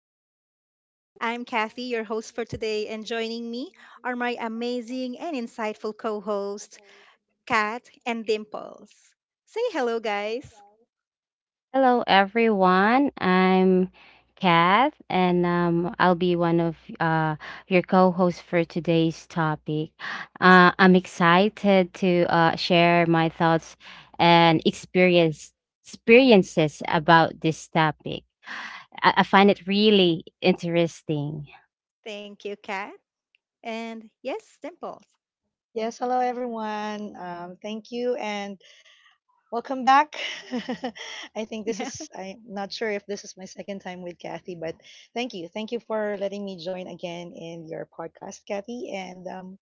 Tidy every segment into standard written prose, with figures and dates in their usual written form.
to the show. I'm Kathy, your host for today, and joining me are my amazing and insightful co hosts, Kat and Dimples. Say hello, guys. Hello, everyone. I'm Kath, and I'll be one of your co hosts for today's topic. I'm excited to share my thoughts and experiences about this topic. I find it really interesting. Thank you, Kat. And yes, Dimples. Yes, hello everyone. Thank you and welcome back. I think this is, I'm not sure if this is my second time with Kathy, but thank you. Thank you for letting me join again in your podcast, Kathy. And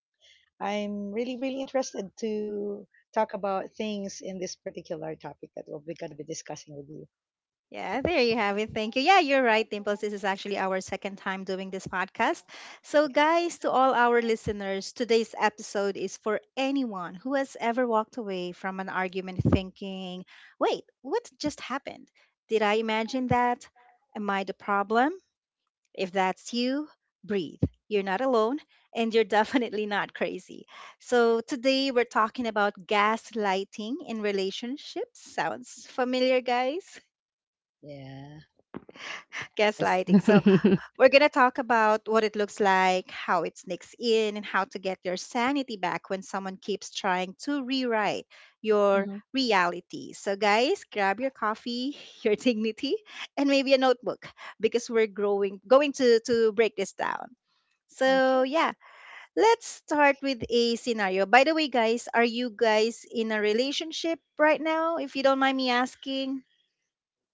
I'm really, really interested to talk about things in this particular topic that we're going to be discussing with you. Yeah, there you have it. Thank you. Yeah, you're right, Dimples. This is actually our second time doing this podcast. So, guys, to all our listeners, today's episode is for anyone who has ever walked away from an argument thinking, wait, what just happened? Did I imagine that? Am I the problem? If that's you, breathe. You're not alone, and you're definitely not crazy. So, today we're talking about gaslighting in relationships. Sounds familiar, guys? Yeah. Yes. Gaslighting. So we're going to talk about what it looks like, how it sneaks in, and how to get your sanity back when someone keeps trying to rewrite your Hmm. reality. So, guys, grab your coffee, your dignity, and maybe a notebook because we're growing going to break this down. So, Okay. yeah, let's start with a scenario. By the way, guys, are you guys in a relationship right now? If you don't mind me asking.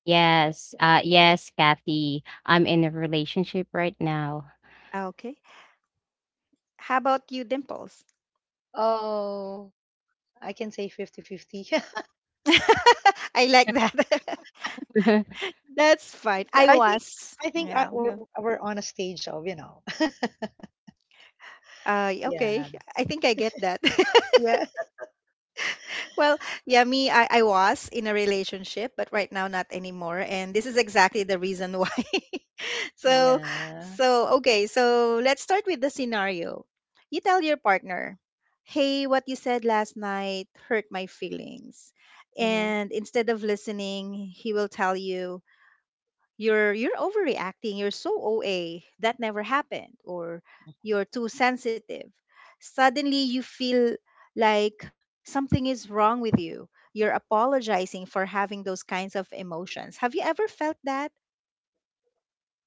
yes, Kathy. I'm in a relationship right now. Ah, okay. How about you, Dimples? Oh, I can say fifty-fifty. I like that. That's fine. I I think, was. I think I, Yeah. we're, Yeah. we're on a stage of, yeah. Okay. I think I get that. Yeah, Well, yeah, me, I was in a relationship, but right now not anymore. And this is exactly the reason why. so, yeah. so, okay. So let's start with the scenario. You tell your partner, hey, what you said last night hurt my feelings. Mm-hmm. And instead of listening, he will tell you, you're overreacting, you're so oa, that never happened, or you're too sensitive. Suddenly, you feel like something is wrong with you. You're apologizing for having those kinds of emotions. Have you ever felt that?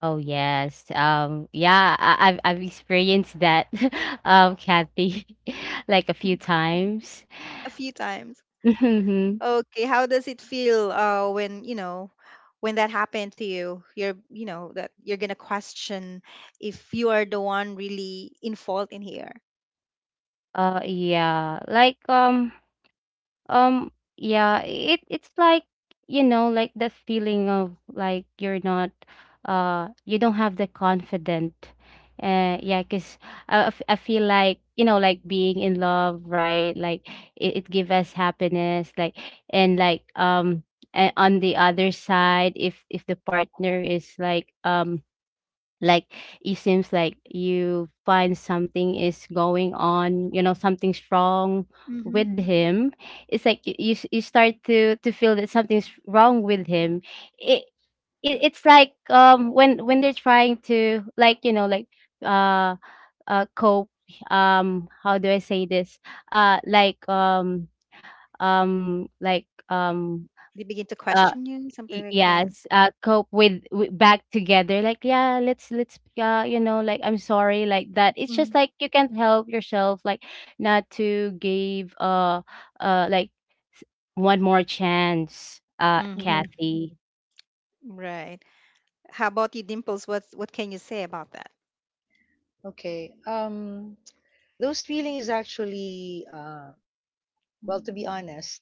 Oh yes. Yeah, I've I've experienced that Kathy like a few times. A few times. Mhm. Okay, how does it feel when you know when that happened to you, you know that you're gonna question if you are the one really in fault in here? Yeah. Um, yeah, it's like, you know, like the feeling of like you're not you don't have the confident. Yeah, 'cause I feel like, you know, like being in love, right? Like it gives us happiness, and like um and on the other side if the partner is like like it seems like you find something is going on, you know, something's wrong hmm with him. It's like you start to feel that something's wrong with him. It, it it's like when they're trying to, like, you know, like, uh cope. How do I say this? uh like um um like um they begin to uh question you, something Y like that. yes, cope with w back together, like, "Yeah, let's you know, like, I'm sorry," like that. It's just like you can't help yourself, like, not to give, like, s one more chance, Mm-hmm. Mhm. Kathy. Right. How about you, Dimples? What can you say about that? Okay. Those feelings actually, well, to be honest,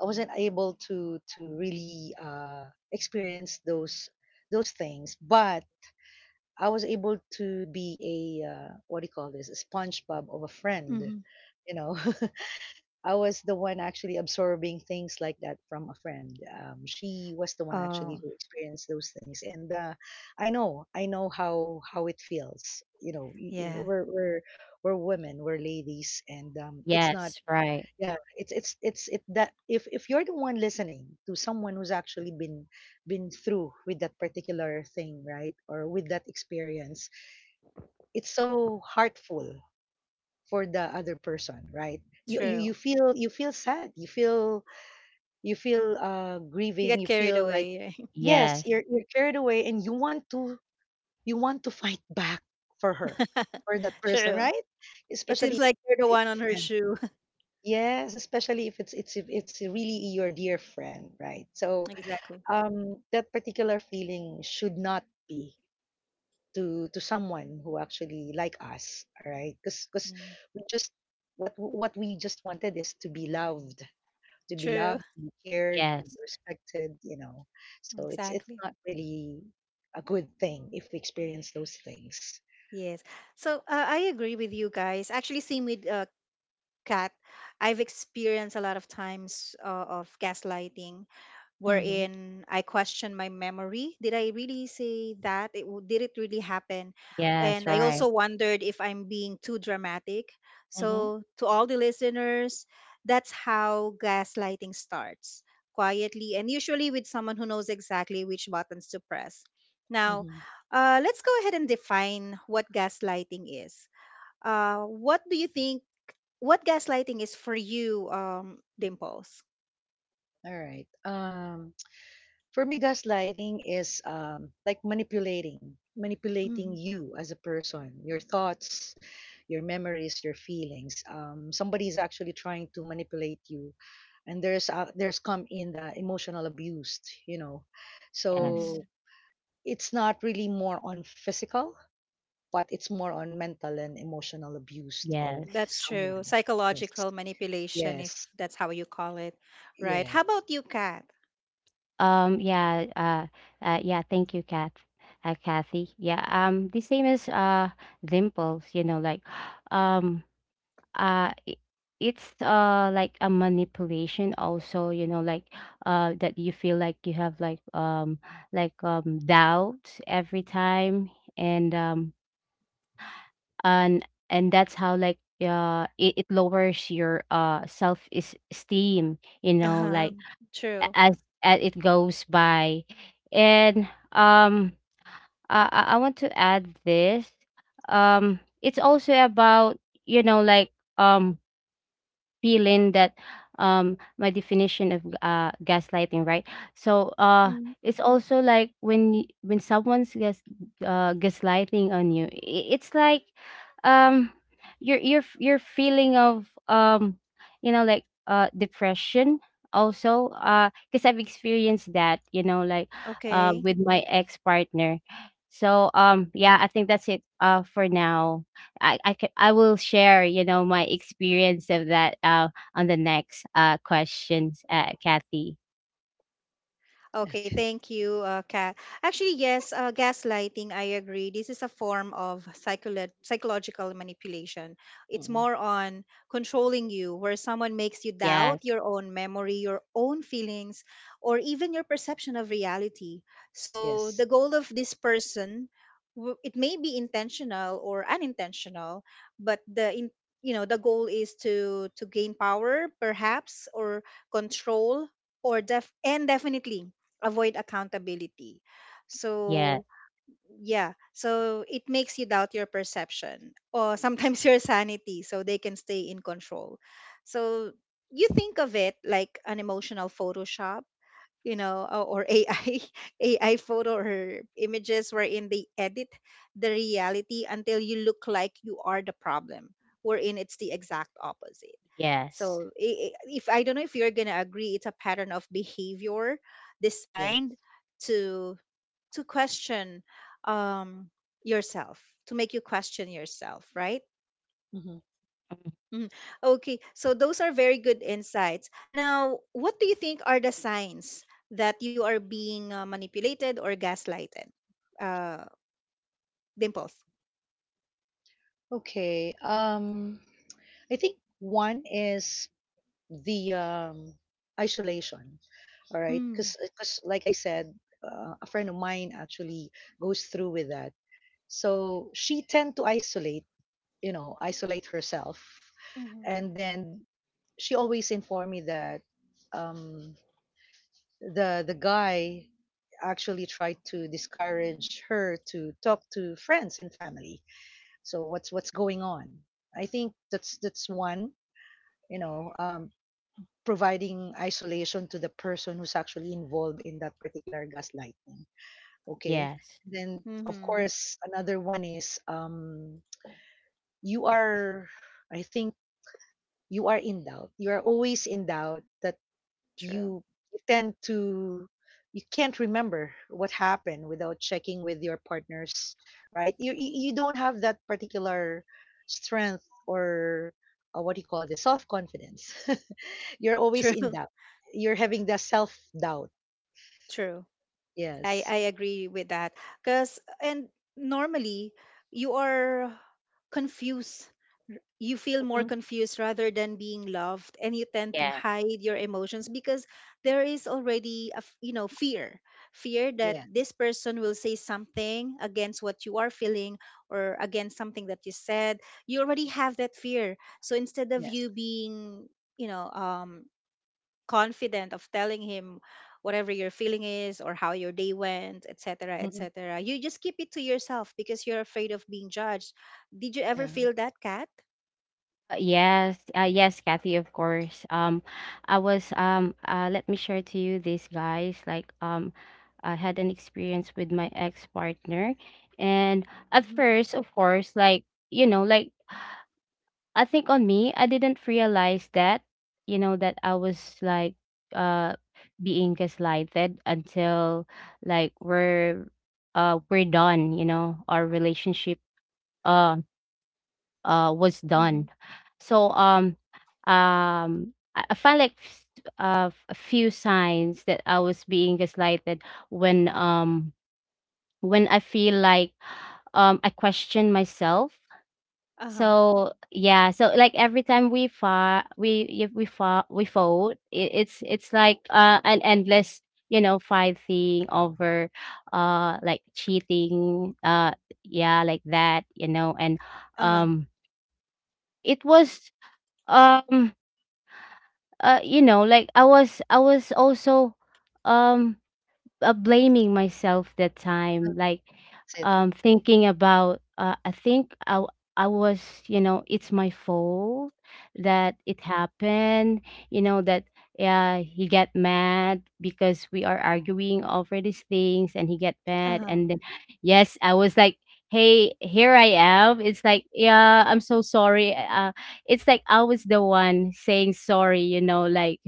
I wasn't able to really experience those things, but I was able to be a what do you call this? A SpongeBob of a friend, Hmm. you know. I was the one actually absorbing things like that from a friend. She was the one actually Oh, who experienced those things, and I know how it feels. You know, yeah, we're women, we're ladies, and it's not. Yes, right. Yeah, it's it that if you're the one listening to someone who's actually been through with that particular thing, right, or with that experience, it's so heartful for the other person, right? You true. feel you feel sad, you feel You grieving, got you carried feel like, away, right? yes, Yes, you're carried away, and you want to, you want to fight back for her, for that person, True. right, It seems especially if like you're the it's one a on her friend. shoe. Yes, especially if it's really your dear friend, right. So Exactly. That particular feeling should not be to someone who actually like us, all right, because Mm. we just, what we just wanted is to be loved, to be True. loved, to be cared, to be yes, respected, So it's Exactly. not really a good thing if we experience those things. Yes. So I agree with you guys. Actually, same with Kat. I've experienced a lot of times of gaslighting. Mhm. Wherein I questioned my memory. Did I really say that? Did it really happen? yes, And I right. also wondered if I'm being too dramatic. Mhm. So, to all the listeners, that's how gaslighting starts quietly and usually with someone who knows exactly which buttons to press. Now, Mhm. Let's go ahead and define what gaslighting is. What do you think? What gaslighting is for you, Dimples? All right. For me, gaslighting is like manipulating, Mm-hmm. manipulating you as a person, your thoughts, your memories, your feelings. Somebody is actually trying to manipulate you, and there's come in the emotional abuse, you know. Yes, Mm-hmm. So it's not really more on physical, but it's more on mental and emotional abuse of yes. That's true. someone. Yes, Psychological manipulation, yes, if that's how you call it, right? yes, How about you, Kat? Um, yeah, uh, yeah, thank you, Kathy. Yeah, the same as, Dimples, you know, like, um uh i- it's like a manipulation also, you know, like, that you feel like you have doubts every time. and um and that's how, like, it, it lowers your self esteem, you Uh know, huh. like, True. As it goes by. And um I want to add this. It's also about, you know, like, um feeling that, my definition of gaslighting, right? so uh Mhm. it's also like when when someone's gaslighting on you, it's like, um your your feeling of you know like depression, also because I've experienced that, you know, like Okay. with my ex partner. So yeah, I think that's it for now. I will share, you know, my experience of that on the next questions, Kathy. Okay, thank you, Kat. Actually, yes, gaslighting, I agree. This is a form of psychological manipulation. It's mm, more on controlling you, where someone makes you doubt Yes, your own memory, your own feelings, or even your perception of reality. So, yes, the goal of this person, it may be intentional or unintentional, but the goal is to gain power, perhaps, or control, or definitely avoid accountability. yeah, So, yeah, so it makes you doubt your perception or sometimes your sanity, so they can stay in control. So, you think of it like an emotional Photoshop, or AI, photo or images wherein they edit the reality until you look like you are the problem, wherein it's the exact opposite. yes, So if I don't know if you're gonna agree, it's a pattern of behavior yes. designed to to question, um, yourself, to make you question yourself, right? Hmm. Mm, Okay, so those are very good insights. Now, what do you think are the signs that you are being manipulated or gaslighted? Uh, dimples. Okay. I think one is the isolation. All right, Mm. because like I said, a friend of mine actually goes through with that. So she tend to isolate herself, Hmm. and then she always informed me that um, the guy actually tried to discourage her to talk to friends and family. So what's going on? I think that's one. You know, providing isolation to the person who's actually involved in that particular gaslighting. Okay. yes, Then, of Mm-hmm. course, another one is, you are. I think you are in doubt. You are always in doubt that. True. you you tend to, you can't remember what happened without checking with your partners, right? You don't have that particular strength or, what do you call it, the self confidence. You're always in True. doubt, you're having the self doubt. True. I Yes, I agree with that. Cause and normally you are confused. You feel more hmm, confused rather than being loved, and you tend to yes. hide your emotions because there is already a fear that yeah, this person will say something against what you are feeling or against something that you said. You already have that fear, so instead of yes, you being you know um confident of telling him whatever your feeling is or how your day went, etc., hmm, etc. You just keep it to yourself because you're afraid of being judged. Did you ever yeah, feel that, Kat? Yes, yes, Kathy, of course. I was let me share to you this, guys, like, I had an experience with my ex-partner. And at Hmm. first, of course, like, you know, like, I think on me, I didn't realize that, you know, that I was like uh being gaslighted until like we're done, you know, our relationship uh was Hmm. done. So I found like a few signs that I was being gaslighted when um when I feel like I question myself. Uh huh. So yeah, so like every time we fight, we if we fight, we fought. It's like an endless, you know, fighting over, like cheating, yeah, like that, you know. And Uh huh. um, it was um, you know, like I was also, um blaming myself that time, like, that's it, thinking about. I think I was, you know, it's my fault that it happened. You know that, yeah, he get mad because we are arguing over these things, and he get Uh huh. mad, and then, yes, I was like. Hey, here I am. It's like, yeah, I'm so sorry. It's like I was the one saying sorry, you know, like,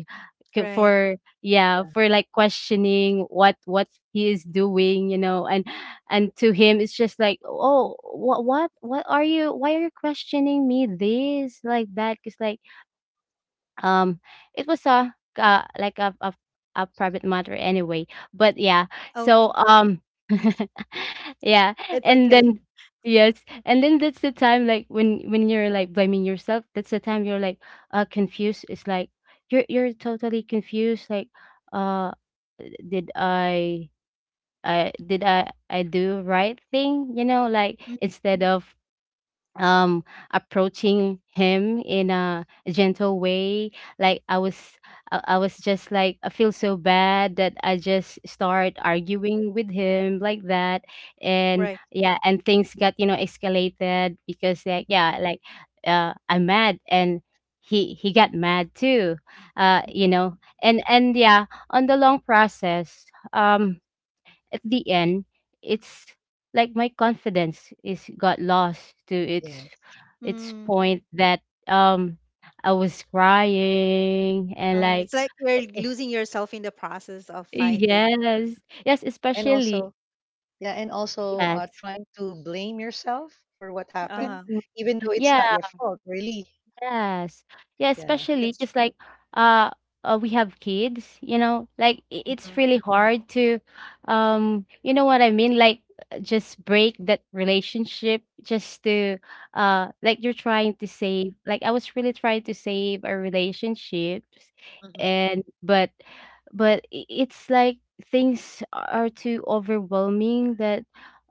Right. for, yeah, yeah. for like questioning what he is doing, you know. And to him, it's just like, oh, what are you, why are you questioning me this, like that, because like, um, it was a a private matter anyway. But yeah, Okay. so yeah, It's and okay. then, yes, and then that's the time like when you're like blaming yourself. That's the time you're like confused. It's like you're totally confused. Like, uh, did I do right thing? You know, like Mm. instead of um approaching him in a gentle way, like I was just like I feel so bad that I just start arguing with him like that. And Right. yeah, and things got, you know, escalated, because like, Hmm. yeah, like, I'm mad and he got mad too, you Hmm. know. And yeah, on the long process, um at the end, it's like my confidence is got lost to Yes, its Mm. point that um I was crying and Uh, like it's like you're losing yourself in the process of fighting. Or, yes yes and especially also, yeah, and also, yes trying to blame yourself for what uh happened, huh. Mm, even though it's not your yeah fault, really. Yes. Yeah, Yeah. Especially That's 'cause true. like, uh, we have kids, you know, like, it's Mhm. really hard to you know what I mean? Like, just break that relationship just to, like, you're trying to save, like, I was really trying to save our relationships. Mhm. And but it's like things are too overwhelming that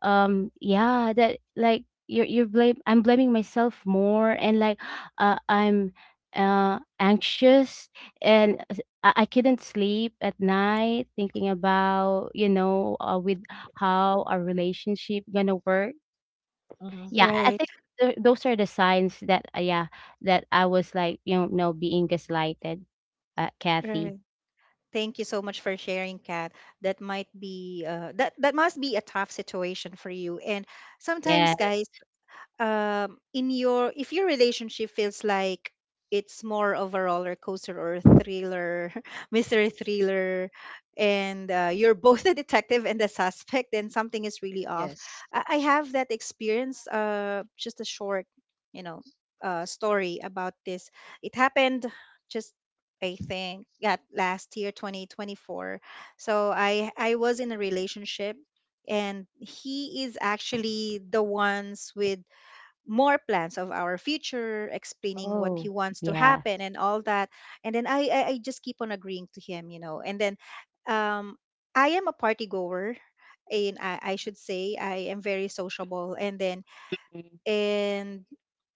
yeah, that, like, you're blame I'm blaming myself more, and like, I'm anxious, and I couldn't sleep at night thinking about, you know, with how our relationship gonna work. Mhm. Yeah, I Right. think those are the signs that, yeah, that I was, like, you know, no, being gaslighted, Kathy. Right. Thank you so much for sharing, Kat. That must be a tough situation for you. And Yeah. sometimes, guys, in your if your relationship feels like it's more of a roller coaster or a thriller mystery thriller, and you're both the detective and the suspect, then something is really off. Yes. I have that experience, just a short, you know story about this. It happened, just, I think, yeah, last year 2024. So I was in a relationship, and he is actually the ones with more plans of our future, explaining what he Oh wants to happen yes, and all that. And then I just keep on agreeing to him. And then um, I am a party goer, and I should say I am very sociable. And then Mm, and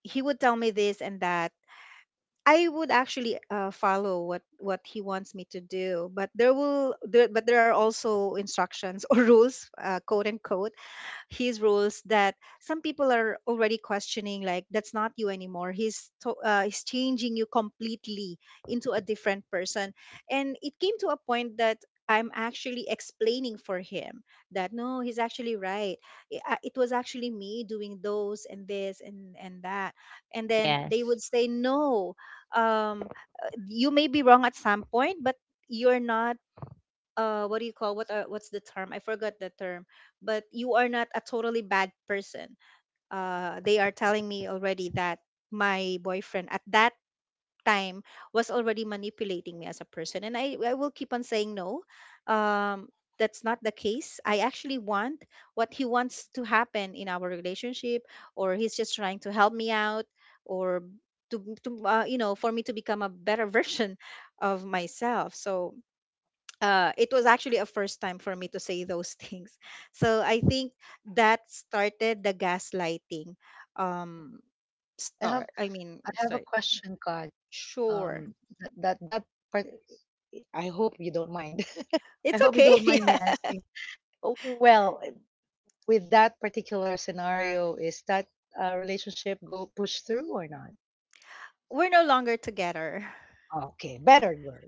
he would tell me this and that. I would actually follow what he wants me to do, but there are also instructions or rules, quote unquote, his rules, that some people are already questioning, like, that's not you anymore, he's changing you completely into a different person. And it came to a point that I'm actually explaining for him that no, he's actually right. It was actually me doing those and this and that, and then they yes. would say no. Um, you may be wrong at some point, but you're not what do you call what are what's the term, I forgot the term, but you are not a totally bad person. They are telling me already that my boyfriend at that time was already manipulating me as a person. And I will keep on saying no. um that's not the case, I actually want what he wants to happen in our relationship, or he's just trying to help me out, or to you know for me to become a better version of myself. So it was actually a first time for me to say those things. So I think that started the gaslighting, um, I have start. I mean, I have a sorry. question, Kat. Sure. Um, that part, I hope you don't mind. I It's hope you okay. don't mind me Yeah. asking. Oh, well, with that particular scenario, is that, relationship go push through or not? We're no longer together. Okay, better girl.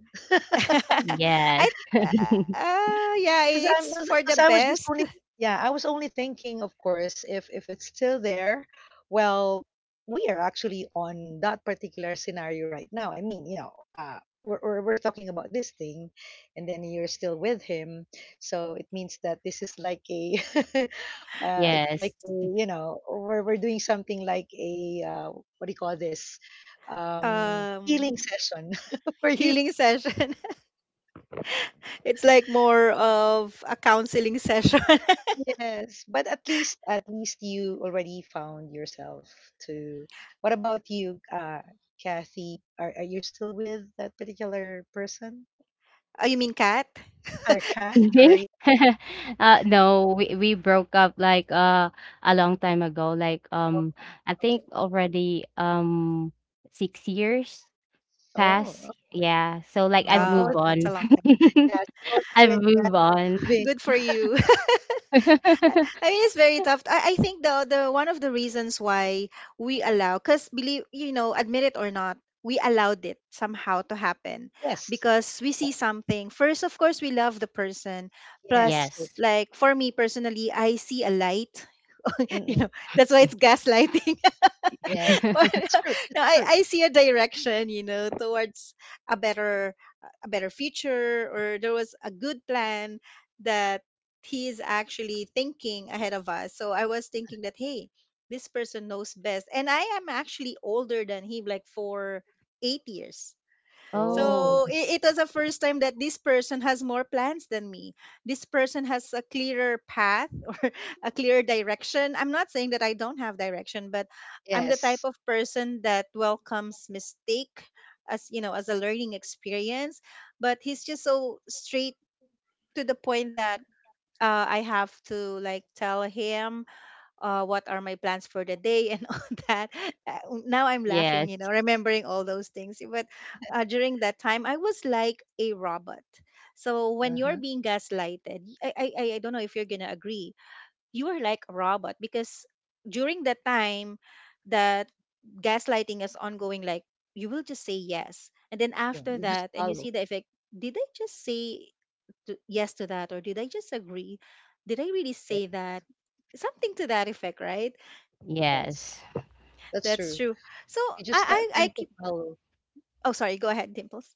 Yes. I yeah, it's Because I for the was, because I best. was just only, yeah, I was only thinking, of course, if it's still there, well, we are actually on that particular scenario right now. I mean, we're talking about this thing, and then you're still with him, so it means that this is like a, it's Yes. like a, we're doing something like a, what do you call this? Healing um session for you. Healing session. It's like more of a counseling session. Yes, but at least you already found yourself to. What about you, Kathy? Are you still with that particular person? Oh, you mean Cat? Or Kath? Sorry. No, we broke up like a long time ago. Like Oh, I think okay. already 6 years Oh, past. oh, Yeah. So like I've so Oh, moved both that's a on. long time ago. yeah, so both you I've and moved Kath on. moving. Good for you. I mean, it's very tough. I think the one of the reasons why we allow, because, believe, admit it or not, we allowed it somehow to happen Yes. because we Yes. see something. First, of course, we love the person. Plus, Yes. Totally. Yes. like for me personally, I see a light. Mm-mm. That's why it's gaslighting. Yes. Or, That's true. no, That's I, true. I see a direction, towards a better future, or there was a good plan that he is actually thinking ahead of us. So I was thinking that, hey, this person knows best. And I am actually older than him, like for 8 years. Oh, Oh, So it was the first time that this person has more plans than me. This person has a clearer path or a clearer direction. I'm not saying that I don't have direction, but I'm the type yes. of person that welcomes mistake, as you know as a learning experience. But he's just so straight to the point that I have to like tell him what are my plans for the day and all that. Uh, Now I'm laughing, yes, remembering all those things. But during that time, I was like a robot. So when Uh you're huh. being gaslighted, I don't know if you're going to agree, you are like a robot because during the time that gaslighting is ongoing, like, you will just say yes. And then You, after you just that, and you follow. see the effect, did I just say yes to that? Or did I just agree? Did I really say that, something to that effect? Right? Yes. yes, That's That's true. true. So You just I tend to keep— follow. oh, sorry, go ahead, Dimples.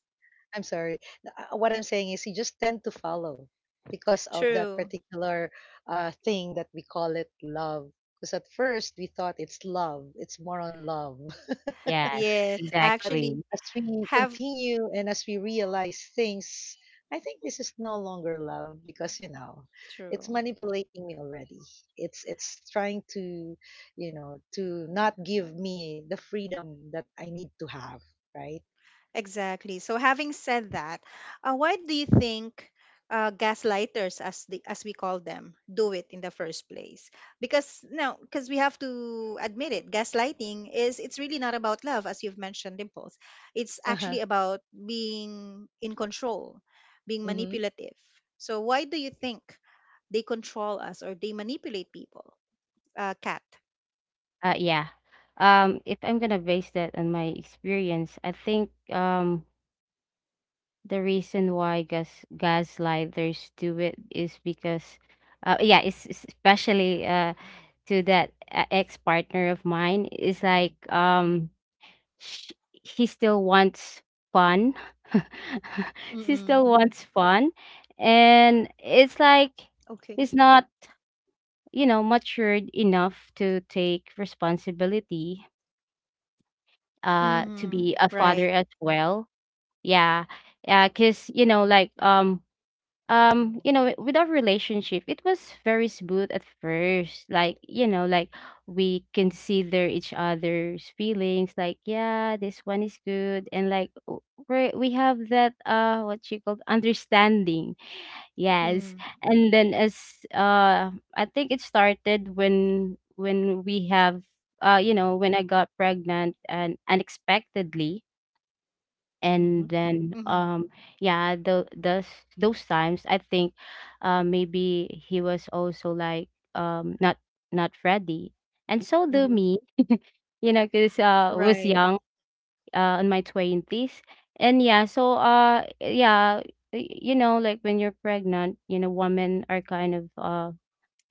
I'm sorry. What I'm saying is you just tend to follow because of that True. particular, thing that we call it love. Because at first we thought it's love, it's more on love. yes, Yes, I But actually exactly. as we have. continue and as we realize things, I think this is no longer love, because it's True. manipulating me already. It's trying to, to not give me the freedom that I need to have, right? Exactly. So having said that, why do you think gaslighters, as the as we call them, do it in the first place? Because no, because we have to admit it, gaslighting is it's really not about love, as you've mentioned, Dimples. It's Uh huh. actually about being in control, being Mhm. manipulative. So why do you think they control us or they manipulate people? Cat. Yeah. If I'm gonna base that on my experience, I think the reason why gaslighters do it is because, yeah, it's especially to that ex partner of mine is like, sh- he still wants fun. She Mm-mm. still wants fun. And Okay. it's like he's not, you know, matured enough to take responsibility Mm-hmm. To Right. be a father as well. Yeah. Yeah, cuz you know like you know with our relationship it was very smooth at first like, you know, like we consider each other's feelings like, yeah, this one is good. And like, we have that what you called understanding. Yes. Mm-hmm. And then as, I think it started when we have, you know, when I got pregnant and unexpectedly. Mhm. And then, Mm-hmm. Yeah, the those times, I think, maybe he was also like, not not ready, and so do Mhm. me, you know, because I was Right. young, in my twenties. And yeah, so yeah, you know, like when you're pregnant, you know, women are kind of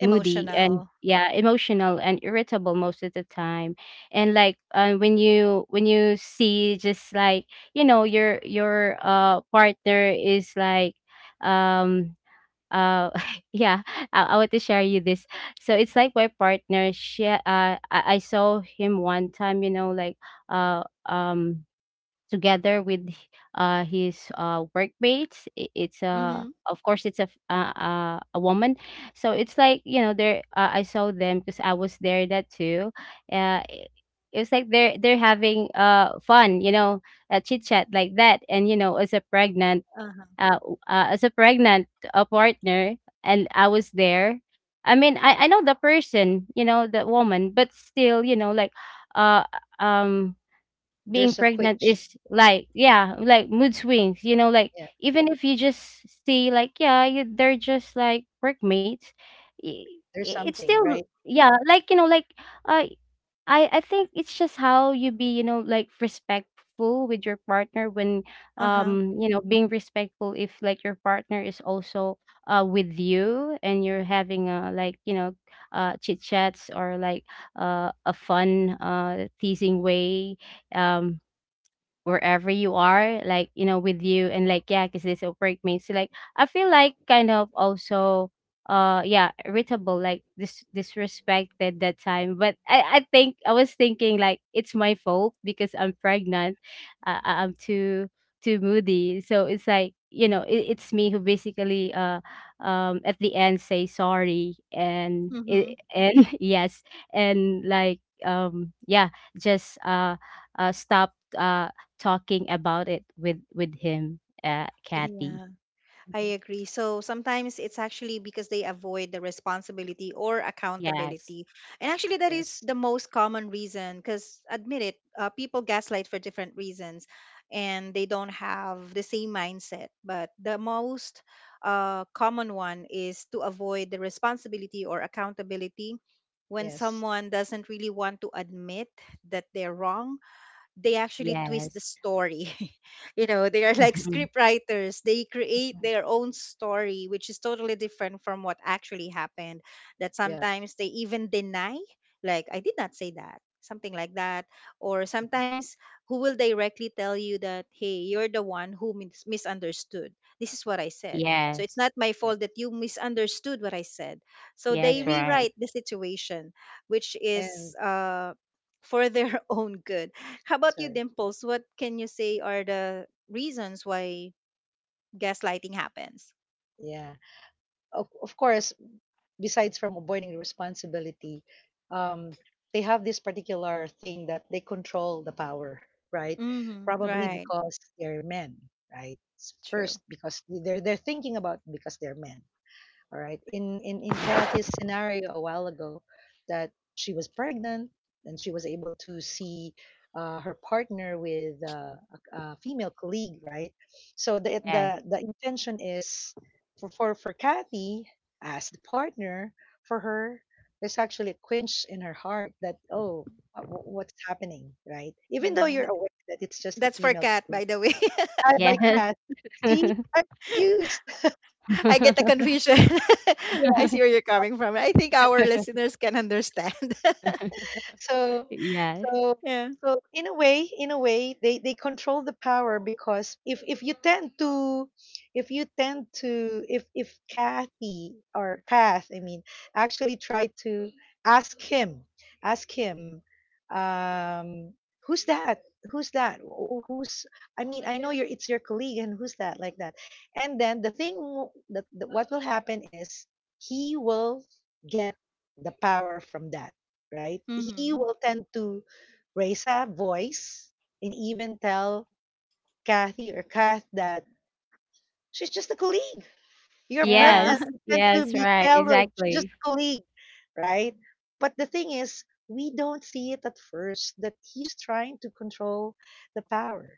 moody and, yeah, emotional and irritable most of the time. And like, when you see, just like, you know, your partner is like, um uh yeah, I want to share you this. So it's like, my partner, she, I saw him one time, you know, like, uh um together with his workmates. It's a, Mm-hmm. of course, it's a a woman. So it's like, you know, there. I saw them because I was there that too. Uh, i- it was like they're having fun, you know, a chit chat like that. And, you know, as a pregnant Uh-huh. As a pregnant, partner, and I was there. I mean, I know the person, you know, the woman, but still, you know, like, uh, um, being There's a pregnant quitch. is like, yeah, like mood swings, you know, like, Yeah, even if you just see like, yeah, you, they're just like workmates. i- there's it's something, still, right? yeah, like, you know, like, uh, I think it's just how you be, you know, like respectful with your partner when Uh-huh. You know, being respectful if like your partner is also with you and you're having a, like, you know, chit chats, or like a fun teasing way, um, wherever you are, like, you know, with you. And like, yeah, because this work mates, like, I feel like kind of also, yeah, irritable, like disrespected that time. But I think I was thinking like it's my fault because I'm pregnant. I'm too too moody, so it's like, you know, it, it's me who basically at the end say sorry. And Mm-hmm. it, and yes, and like, yeah, just stop talking about it with him, It- Kathy. Yeah, mhm. I agree. So sometimes it's actually because they avoid the responsibility or Yes. accountability. And actually, that is Yes, the most common reason because, admit it, people gaslight for different reasons and they don't have the same mindset. But the most common one is to avoid the responsibility or accountability when yes, someone doesn't really want to admit that they're wrong. They actually twist the Yes. story. You know, they are like Mhm. script writers. They create mhm, their own story, which is totally different from what actually happened. That yeah, sometimes they even deny, like, I did not say that, something like that. Or mhm, sometimes who will directly tell you that, hey, you're the one who misunderstood. This is what I said. So it's Yes. not my yeah, fault that you misunderstood what I said. So they Yes, yes. right. rewrite the situation, which is, And for their own good. How about you, sorry, Dimples? What can you say are the reasons why gaslighting happens? yeah. Of course, besides from avoiding responsibility, um, they have this particular thing that they control the power, right? Hmm. Probably Right. because they're men, right? True. First, because they're thinking about because they're men. All right. In Kathy's scenario a while ago, that she was pregnant and she was able to see, her partner with, a female colleague, right? So the Yes. the the intention is for, for Kathy, as the partner, for her. There's actually a quench in her heart that, oh, what's happening, right, even though Yeah. You're aware that it's just a That's for female Kat, colleague. by the way. Hi, by Yes. Kath. See, I'm confused. I get the confusion. I see where you're coming from. I think our listeners can understand. so Yes. so Yeah. so in a way they control the power, because if you tend to, if Kathy or Kath, I mean, actually try to ask him, ask him um who's that, who's that Wh- who's I mean, I know, your it's your colleague, and who's that, like that. And then the thing, w- that, that what will happen is, he will get the power from that, right? He Hmm. will tend to raise a voice and even tell Kathy or Kath that she's just a colleague. You're Yeah. pregnant. Yes. You tend to Yes, be right. jealous. She's just Exactly. a colleague, right? But the thing is, we don't see it at first, that he's trying to control the power,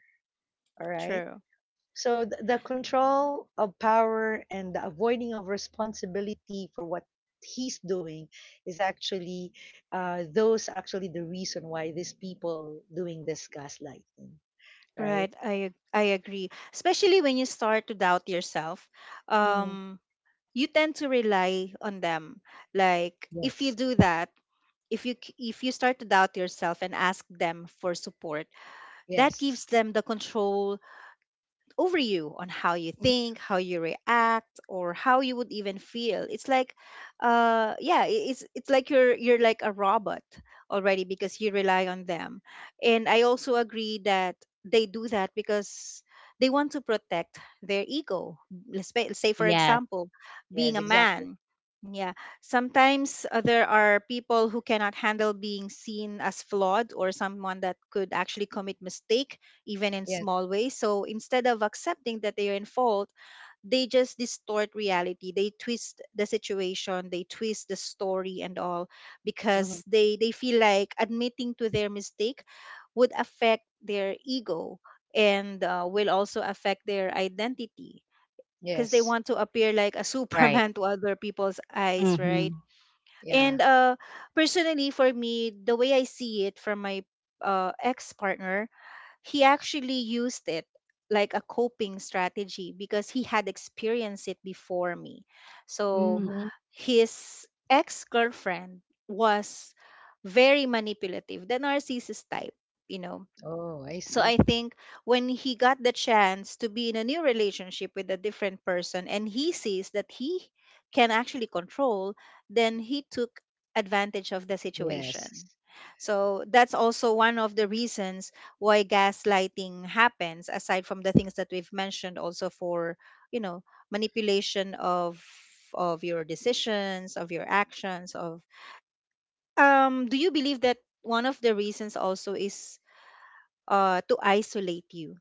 all right? True. So the control of power and the avoiding of responsibility for what he's doing is actually, those actually the reason why these people doing this gaslighting, right? Right. I agree. Especially when you start to doubt yourself, Hmm. um, you tend to rely on them. Like, if you Yes. do that, if you start to doubt yourself and ask them for support, that gives Yes. them the control over you on how you Mhm. think, how you react, or how you would even feel. It's like, yeah, it's like you're like a robot already because you rely on them. And I also agree that they do that because they want to protect their ego. Let's say, say for Yes, example, being Yes. a Exactly. man. Yeah, sometimes there are people who cannot handle being seen as flawed or someone that could actually commit mistake even in Yes. small ways. So instead of accepting that they are in fault, they just distort reality. They twist the situation, they twist the story and all because Hmm. they feel like admitting to their mistake would affect their ego and will also affect their identity because they Yes. want to appear like a right. superman to other people's eyes, right? Mhm. And Yeah. Personally, for me, the way I see it from my ex partner, he actually used it like a coping strategy because he had experienced it before me. So Mm, Hmm. his ex girlfriend was very manipulative, the narcissist type, you know. Oh, I So I see. think when he got the chance to be in a new relationship with a different person and he sees that he can actually control, then he took advantage of the Yes. situation. So that's also one of the reasons why gaslighting happens aside from the things that we've mentioned, also for, you know, manipulation of your decisions, of your actions, of do you believe that one of the reasons also is to isolate you?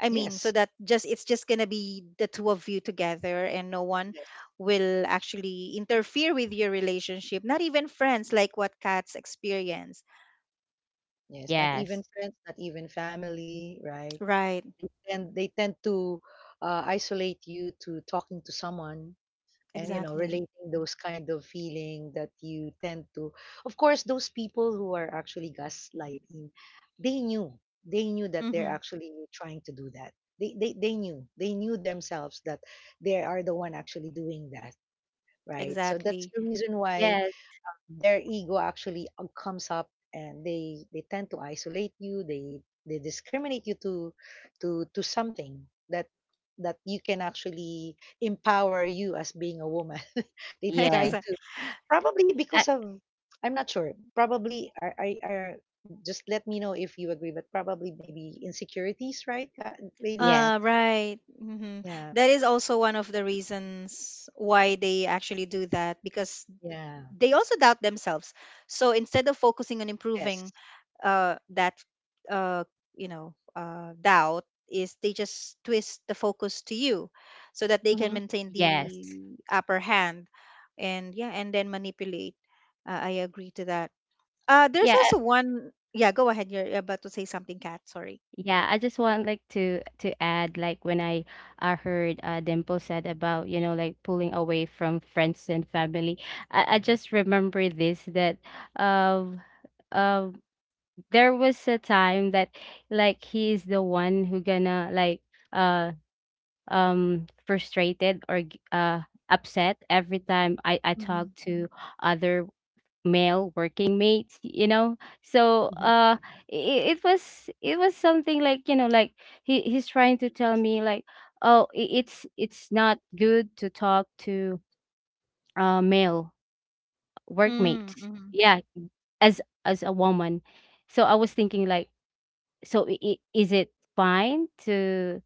I mean, so Yes. that just it's just gonna be the two of you together, and no one Yes. will actually interfere with your relationship. Not even friends, like what cats experience. Yes. Not even yes. friends. Not even family. Right. Right. They tend to isolate you to talking to someone, and Exactly. relating those kind of feeling that you tend to. Of course, those people who are actually gaslighting, they knew they knew that they're Mm-hmm. actually trying to do that. They knew themselves that they are the one actually doing that, right, so that's Exactly. the reason why Yes. their ego actually, comes up, and they tend to isolate you, they discriminate you to, to something that that you can actually empower you as being a woman. They try Yes. Exa- to, probably Uh, because of, I'm not sure, probably are I are just let me know if you agree, but probably maybe insecurities, right, yes. ladies. Right. Mm-hmm. Yeah. That is also one of the reasons why they actually do that because Yeah. they also doubt themselves. So instead of focusing on Yes. improving that, uh, you know, doubt, is they just twist the focus to you, so that they can Hmm. maintain Yes. the upper hand, and yeah, and then manipulate. I agree to that. There's Yeah, also one. Yeah, go ahead. You're about to say something, Kat. Sorry. Yeah, I just want like to add, like when I heard Dimple said about like pulling away from friends and family, I just remember this that um uh, there was a time that, like, he is the one who gonna like uh frustrated or upset every time I Mm-hmm. talk to other male working mates, so it was something like, like he's trying to tell me, like, oh, it's not good to talk to male workmates, Mm-hmm. yeah, as a woman. So I was thinking like, is it fine to,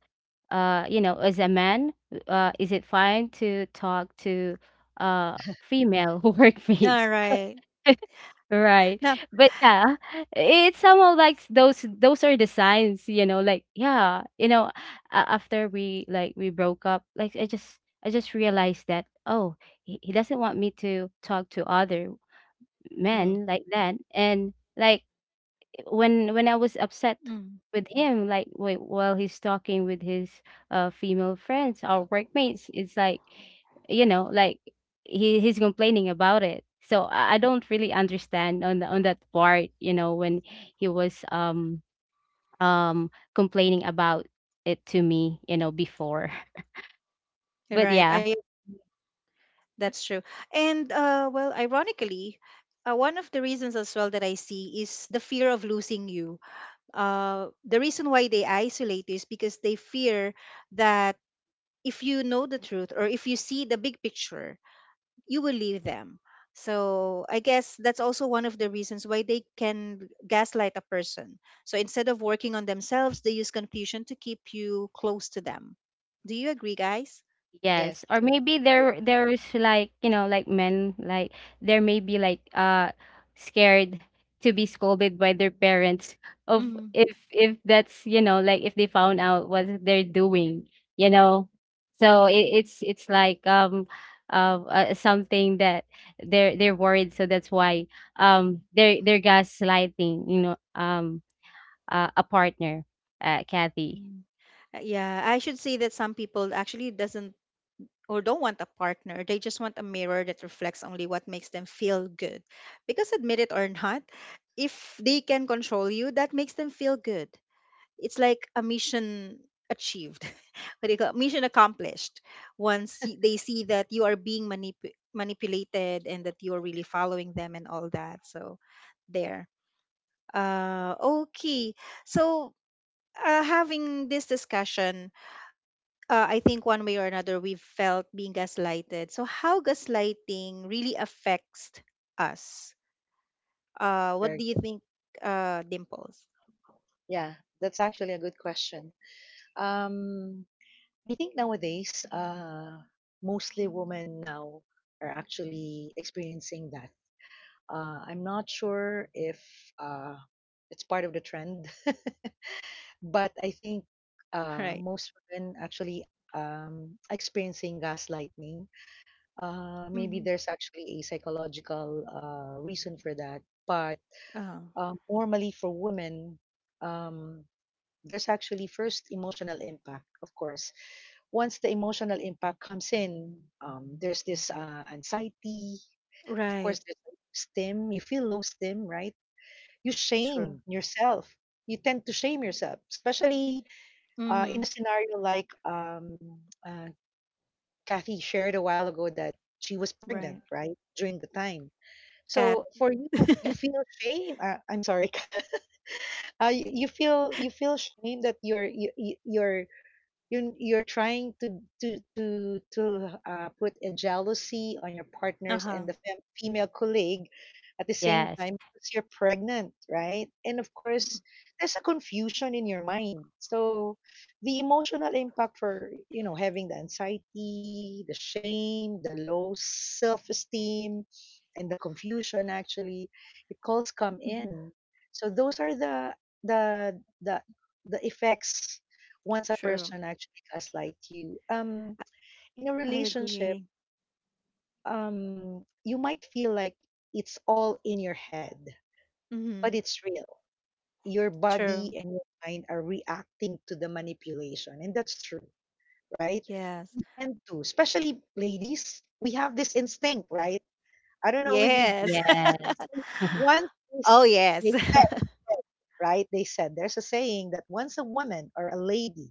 as a man, is it fine to talk to female All workmates? right. Right. Now, But yeah, it's somehow like those are the signs, like, yeah, after we, like, we broke up, like I just realized that, oh, he doesn't want me to talk to other Mm-hmm. men like that. And, like, when I was upset mm, with him, like, wait, while he's talking with his female friends or workmates, it's like, like, he's complaining about it. So I don't really understand on on that part, when he was complaining about it to me, before. But right. yeah. I That's true. And well, ironically, one of the reasons as well that I see is the fear of losing you. The reason why they isolate you is because they fear that if you know the truth or if you see the big picture, you will leave them. So I guess that's also one of the reasons why they can gaslight a person. So instead of working on themselves, they use confusion to keep you close to them. Do you agree, guys? Yes, Yes, or maybe great. there's like, like, men, like there may be like scared to be scolded by their parents of Mm-hmm. if that's, like, if they found out what they're doing, you know. So it's like something that they're worried, so that's why they're gaslighting, a partner, Kathy. Yeah, I should say that some people actually doesn't or don't want a partner. They just want a mirror that reflects only what makes them feel good. Because admit it or not, if they can control you, that makes them feel good. It's like a mission achieved. What do you call mission accomplished? Once they see that you are being manipulated and that you're really following them and all that. So there. Uh, okay. So having this discussion, I think one way or another we've felt being gaslighted. So how gaslighting really affects us? Very What do you good. think, Dimples? Yeah, that's actually a good question. Um, I think nowadays, mostly women now are actually experiencing that. I'm not sure if, uh, it's part of the trend. But I think, Right. most women actually, experiencing gaslighting. Maybe Mm-hmm. there's actually a psychological, reason for that. But, Uh, normally for women, um, there's actually first emotional impact, of course. Once the emotional impact comes in, there's this, anxiety. Of course, right. there's low stim. You feel low stim, right? You True. shame yourself. You tend to shame yourself, especially, in Mm-hmm. a scenario like, uh, Kathy shared a while ago that she was pregnant, Right. right, during the time. Cat. So for you, you feel shame. I'm sorry. You feel shame that you're, you're trying to, to put a jealousy on your uh partners and huh. the female colleague at the same Yes. time, because you're pregnant, right? And of course, there's a confusion in your mind, so the emotional impact, for you know having the anxiety, the shame, the low self-esteem, and the confusion, actually it calls come Mm-hmm. in. So those are the, the the the effects once a Sure. person actually gaslight you, in a I relationship. agree. You might feel like it's all in your head, Mm-hmm. but it's real. Your True. body and your mind are reacting to the manipulation, and that's true, right? Yes. We tend to, especially ladies, we have this instinct, right? I don't know with you. Yes. Yes. Once is- Oh, they yes. said, there's a saying that once a woman or a lady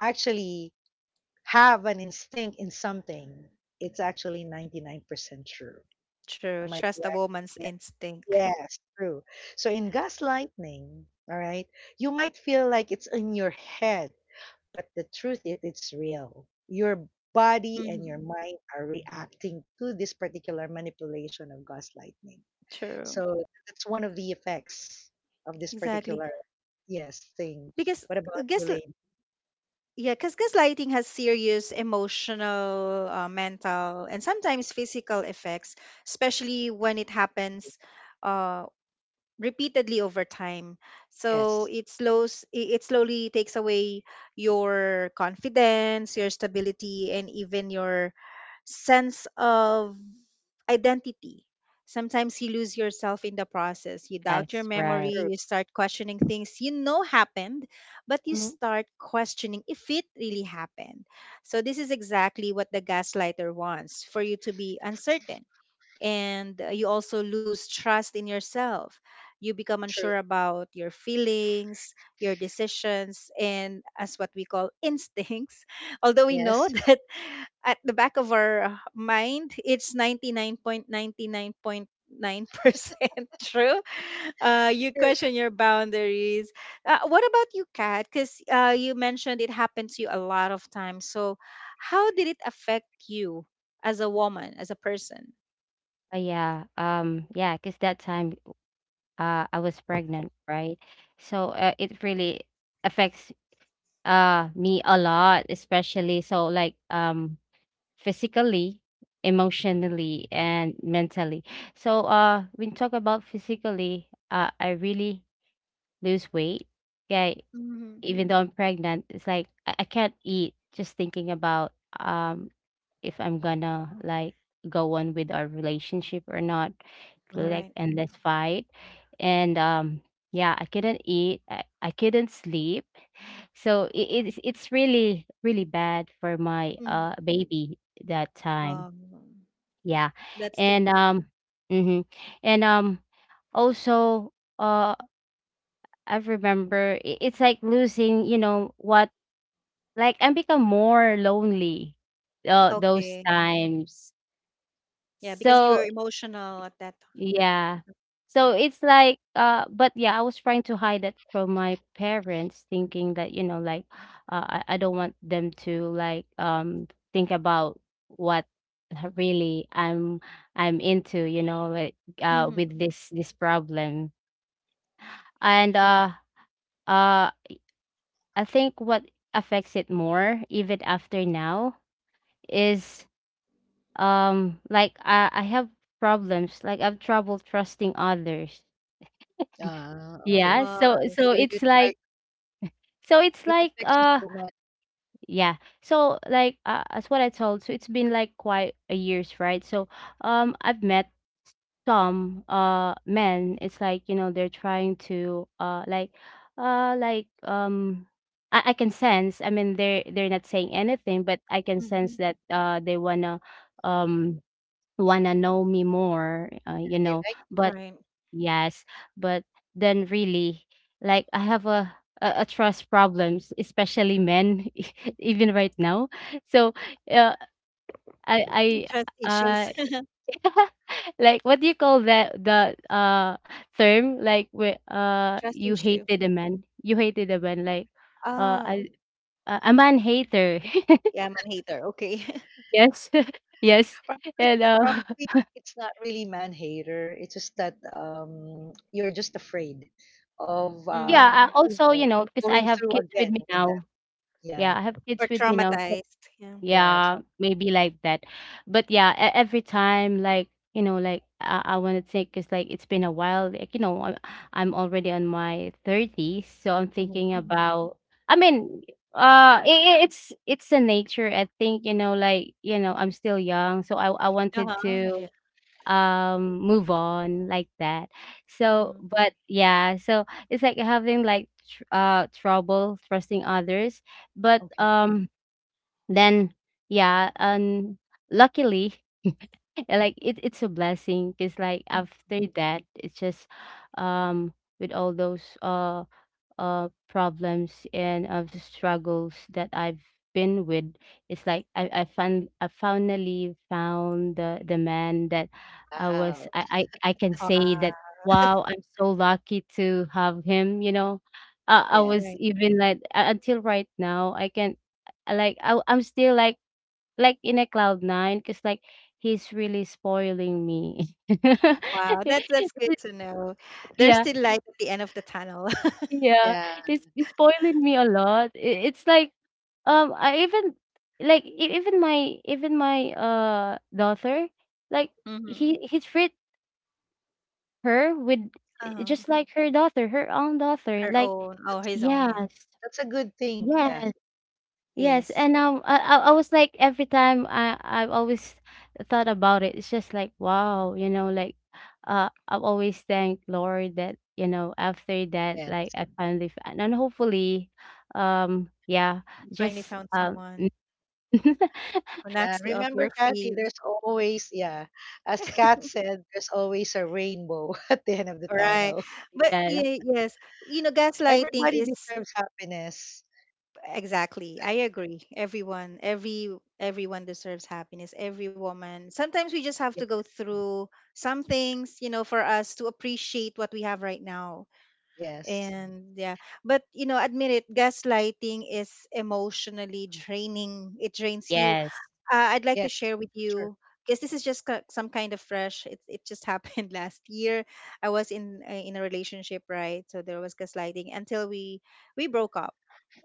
actually have an instinct in something, it's actually 99% true. True. Am I Trust a correct? woman's Yes, instinct. yes, true. So in gaslighting, all right, you might feel like it's in your head, but the truth is it's real. Your body and your Mm-hmm. mind are reacting to this particular manipulation of gaslighting. True. So that's one of the effects of this Exactly. particular, yes, thing. Because What uh, about you, guess l- Lane? yeah, because gaslighting has serious emotional, mental, and sometimes physical effects, especially when it happens uh, repeatedly over time. So Yes, it slowly takes away your confidence, your stability, and even your sense of identity. Sometimes you lose yourself in the process. You doubt your Yes, right. memory, true. you start questioning things you know happened, but you Mhm. start questioning if it really happened. So this is exactly what the gaslighter wants, for you to be uncertain, and you also lose trust in yourself. You become True. unsure about your feelings, your decisions, and as what we call instincts. Although we know Yes. that at the back of our mind, it's 99.99.9% true. You True. question your boundaries. What about you, Kat? Because you mentioned it happened to you a lot of times. So, how did it affect you as a woman, as a person? Oh yeah, yeah, because that time I was pregnant, right? So it really affects me a lot, especially so, like, physically, emotionally, and mentally. So when talk about physically, I really lose weight. Okay, Mhm. even though I'm pregnant, it's like I can't eat, just thinking about um if I'm gonna, like, go on with our relationship or not. Really, Mm-hmm. like, Right. endless fight. And yeah, I couldn't eat, I couldn't sleep. So it's really really bad for my Mm. Baby that time, Um, yeah. that's And hmm and um also, uh I remember it's like losing, you know what, like, I become more lonely those okay. Mm. times. Yeah, because So you're emotional at that time. yeah. So it's like, but yeah, I was trying to hide that from my parents, thinking that, like, I don't want them to, like, think about what really I'm into, like, Mm-hmm. with this problem. And uh I think what affects it more, even after now, is like I have problems, like I've trouble trusting others. Ah, Yeah, okay. Right. so You it's like. try, so it's it like affects you uh so much yeah. So, like, as what I told, so it's been like quite a years, right? So I've met some men. It's like, they're trying to like I can sense. I mean, they're not saying anything, but I can sense Hmm. that they wanna um wanna know me morethat, they like, But. Right. Yes, but then really, like, I have a trust problems, especially men, even right now. So, uh, I Trust I issues. Like what do you call that, the term, like, where Trust you issue. hated a man, you hated a man, like Oh, I, a man hater. yeah, I'm a hater. Okay. Yes, yes, prob- and probably it's not really man hater. It's just that, you're just afraid of, yeah. Mm-hmm. I you also, know you know, because I going have through kids with again me with that, now. yeah, Yeah, I have kids Or with me now. So. traumatized. Yeah. yeah, Yeah, trouble. maybe like that. But yeah, every time, like, like, I want to think, because, like, it's been a while, like, I'm already on my 30s, so I'm Mhm. thinking Mm-hmm. about, I mean, it's the nature. I think, like, I'm still young, so I wanted Uh-huh. Yeah. to move on like that. So, Mm-hmm. but yeah, so it's like having like tr trouble trusting others, but Okay. um. Then yeah, and luckily, like, it's a blessing, because, like, after that, it's just um with all those problems and of the struggles that I've been with. It's like I finally found the man that I was Wow. I I, I can say that Wow. wow, I'm so lucky to have him. I Yeah. was Right. even like, until right now I can, I'm still like in a cloud nine, because, like, he's really spoiling me. Wow. That's good to know. There's Yeah, still light at the end of the tunnel. yeah, Yeah. it's spoiling me a lot. It's like I even, like, even my daughter, like, Mm-hmm. he treat her with Um, just like her own daughter, her like. own. Or his That's own. Yeah. Yes. that's a good thing, Yes. Kathy. Yes, Yes, and I was, like, every time I've always thought about it. It's just like wow, like, I've always thanked Lord that after that, like, Yes. I finally found. And hopefully, yeah, you finally just found someone who Yeah. knocks you off Remember, your Kathy, feet. there's always yeah, as Kat said, there's always a rainbow at the end of the All right. tunnel. But yes, yeah, yes, you know, Everybody gaslighting is— deserves happiness. exactly. I agree. Everyone, everyone deserves happiness. Every woman. Sometimes we just have to go through some things, you know, for us to appreciate what we have right now. Yes. And yeah, but you know, admit it, gaslighting is emotionally draining. It drains you. yes, Uh, I'd like to Yes, share with that's true. you because this is just some kind of fresh. It just happened last year. I was in a relationship, right? So there was gaslighting until we broke up.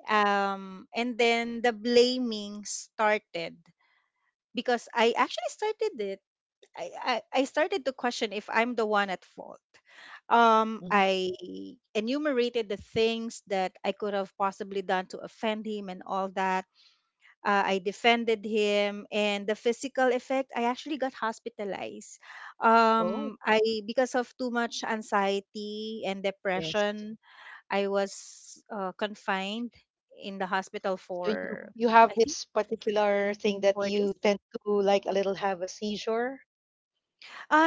And then the blaming started because I actually started it. I, I started to question if I'm the one at fault. Mhm. I enumerated the things that I could have possibly done to offend him and all that. Uh, I defended him, and the physical effect, I actually got hospitalized. Oh, I because of too much anxiety and yes. depression, I was confined in the hospital So you for you have I think this particular thing that 4 days. you tend to, like a little have a seizure.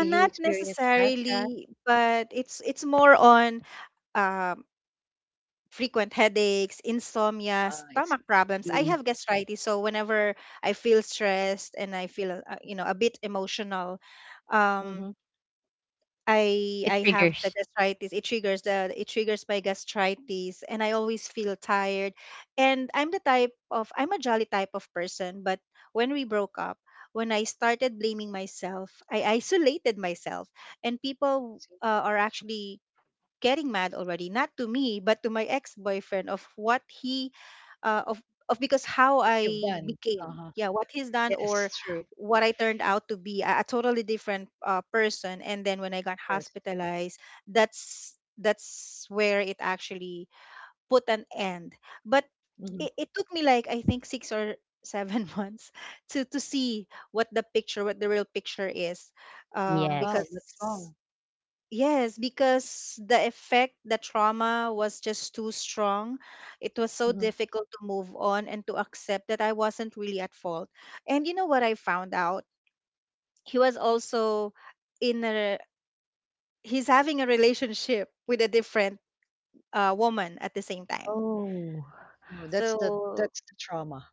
Do you Not experience that, Kat? necessarily, but it's more on um, frequent headaches, insomnia, Ah, I see. stomach problems. I mm, have gastritis, so whenever I feel stressed and I feel you know, a bit emotional, um Mm-hmm. It I have triggers. the gastritis. It triggers the it triggers my gastritis and I always feel tired. And I'm the type of— I'm a jolly type of person, but when we broke up, when I started blaming myself, I isolated myself and people See are actually getting mad already, not to me, but to my ex-boyfriend of what he uh, of of because how what you've I done. became, Uh-huh. yeah, what he's done or Yes, true, of what I turned out to be, a totally different person. And then when I got course. hospitalized, that's where it actually put an end. But Mm-hmm. It took me like I think six or seven months to see what the picture, what the real picture is, Wow, because Yes. that's long. yes, because the effect, the trauma was just too strong. It was so Mm-hmm. difficult to move on and to accept that I wasn't really at fault. And you know what I found out? He was also in he's having a relationship with a different woman at the same time. Oh, Oh, that's the, So that's the trauma.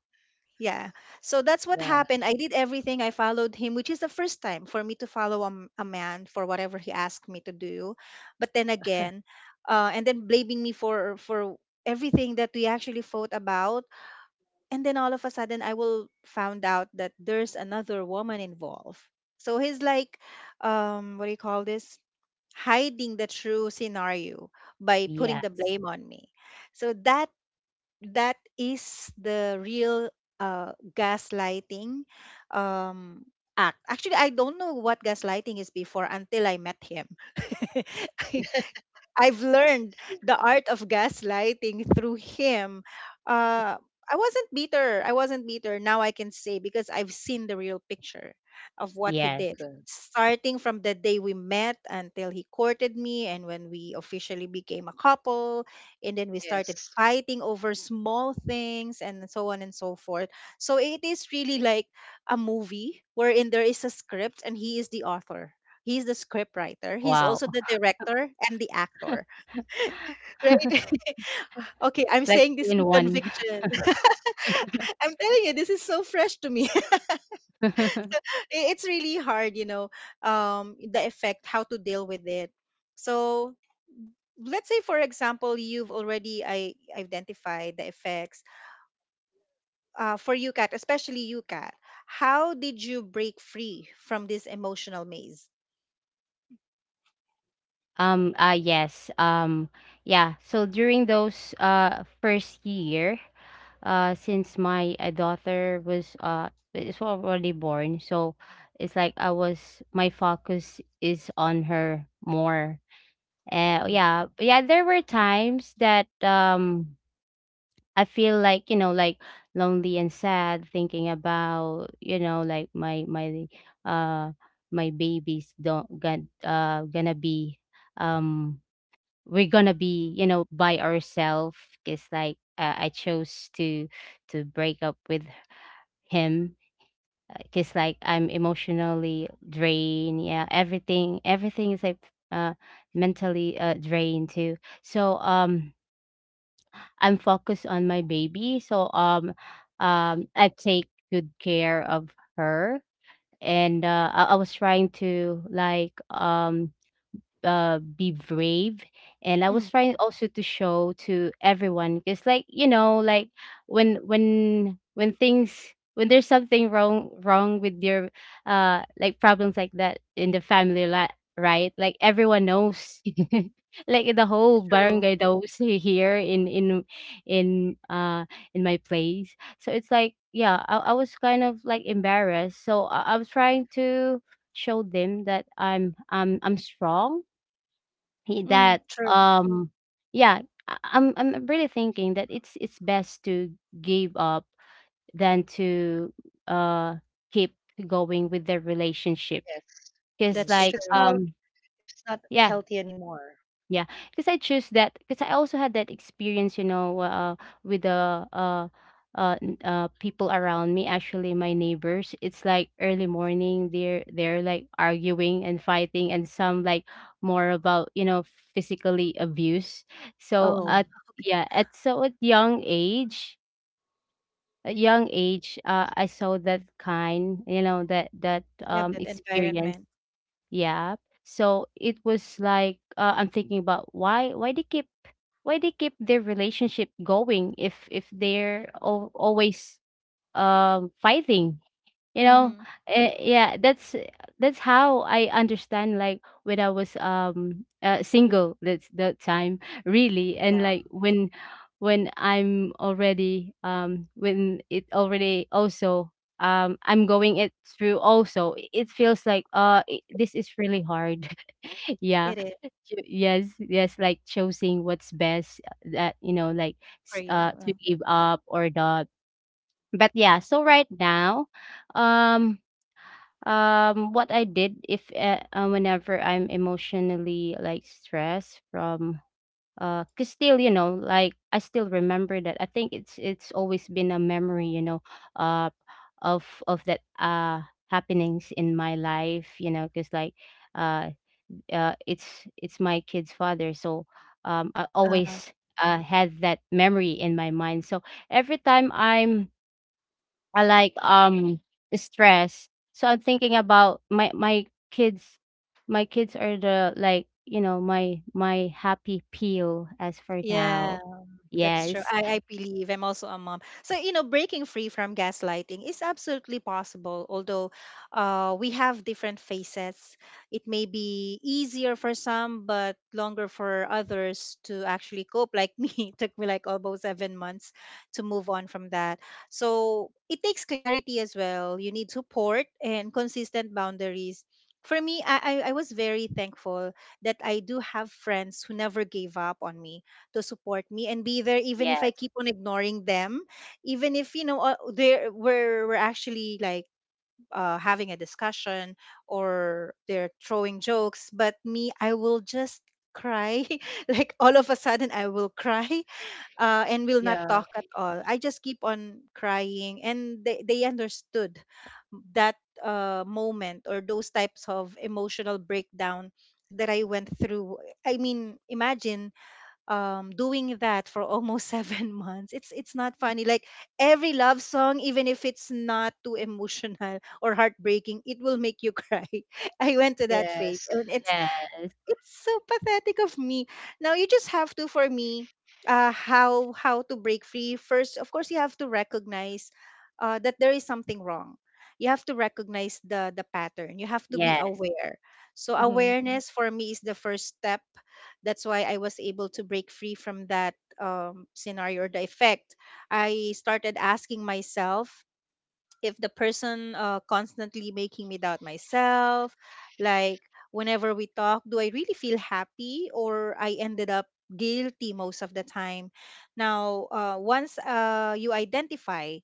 yeah. So that's what Yeah, happened. I did everything. I followed him, which is the first time for me to follow a man for whatever he asked me to do. But then again, and then blaming me for everything that we actually fought about. And then all of a sudden, I will found out that there's another woman involved. So he's like, what do you call this? Hiding the true scenario by putting the yes. blame on me. So that is the real gaslighting um, act. Actually, I don't know what gaslighting is before until I met him. I've learned the art of gaslighting through him. Uh, I wasn't bitter. I wasn't bitter. Now I can say because I've seen the real picture of what he did. Yes. good. Starting from the day we met until he courted me, and when we officially became a couple, and then we started Yes. fighting over small things, and so on and so forth. So it is really like a movie wherein there is a script, and he is the author. He's the script writer. He's Wow. also the director and the actor, right? Okay, I'm That's saying three this in with one. conviction. I'm telling you, this is so fresh to me. It's really hard, you know, the effect, how to deal with it. So let's say, for example, you've already identified the effects. For you, Kat, especially you, Kat, how did you break free from this emotional maze? Yes. Yeah. So during those first year, since my daughter was is already born, so it's like I was my focus is on her more. Mm-hmm. Yeah. But yeah, there were times that I feel like, like, lonely and sad, thinking about, like, uh my babies don't gonna be, um we're gonna be, by ourselves, cuz like, I chose to break up with him, cuz like, I'm emotionally drained. Yeah, everything is like, uh mentally drained too. So I'm focused on my baby. So I take good care of her. And I was trying to, like, be brave, and I was Mm, trying also to show to everyone, because, like, like, when things, when there's something wrong with your like problems like that in the family, right, like, everyone knows, like the whole true. barangay knows, here in in uh my place. So it's like, yeah, I was kind of like embarrassed, so I was trying to show them that I'm strong. he Mm, that, true. um yeah, I'm really thinking that it's best to give up than to, uh, keep going with the relationship. Yes. Mm. Cause, If That's like, it's true. not, if it's not yeah, healthy anymore. yeah, because I choose that, because I also had that experience, with uh, people around me. Actually, my neighbors. It's like early morning, they're like arguing and fighting, and some like more about, physically abuse. So Mm-hmm. Oh, at, yeah, at, so at young age, I saw that kind, that that you have that experience. environment. Yeah. So it was like, I'm thinking about why they keep, their relationship going, if they're always fighting you know Mm-hmm. Yeah, that's how I understand, like, when I was single, that's that time, really. And, Yeah, like, when I'm already, when it already, also, I'm going it through also, it feels like, I this is really hard. Yeah. it is Yes, yes, like choosing what's best, that like, for you. to give up or not. But yeah, so right now, um what I did, if whenever I'm emotionally like stressed from cause, still, like, I still remember that. I think it's always been a memory uh of that happenings in my life, because, like, uh, it's my kid's father. So I Uh, uh, always had that memory in my mind. So every time I'm I like stress. So I'm thinking about my kids. My kids are the, like, my happy pill as for yeah. now. That's true. Yes, I believe I'm also a mom. So, you know, breaking free from gaslighting is absolutely possible, although we have different phases. It may be easier for some, but longer for others to actually cope. Like me, it took me like almost 7 months to move on from that. So, it takes clarity as well. You need support and consistent boundaries. For me, I was very thankful that I do have friends who never gave up on me to support me and be there even if I yes, keep on ignoring them, even if you know they're we're actually like having a discussion or they're throwing jokes, but me, I will just cry. Like, all of a sudden, I will cry. And will not talk Yeah. at all. I just keep on crying, and they understood that moment or those types of emotional breakdown that I went through. I mean, imagine doing that for almost 7 months. It's not funny. Like, every love song, even if it's not too emotional or heartbreaking, it will make you cry. I went to that phase, Yes. and yes, it's so pathetic of me. Now you just have to, for me, how to break free. First, of course, you have to recognize that there is something wrong. You have to recognize the pattern. You have to be yes, aware. So Mm-hmm. awareness for me is the first step. That's why I was able to break free from that scenario or the effect. I started asking myself if the person constantly making me doubt myself, like, whenever we talk, do I really feel happy, or I ended up guilty most of the time? Now, once you identify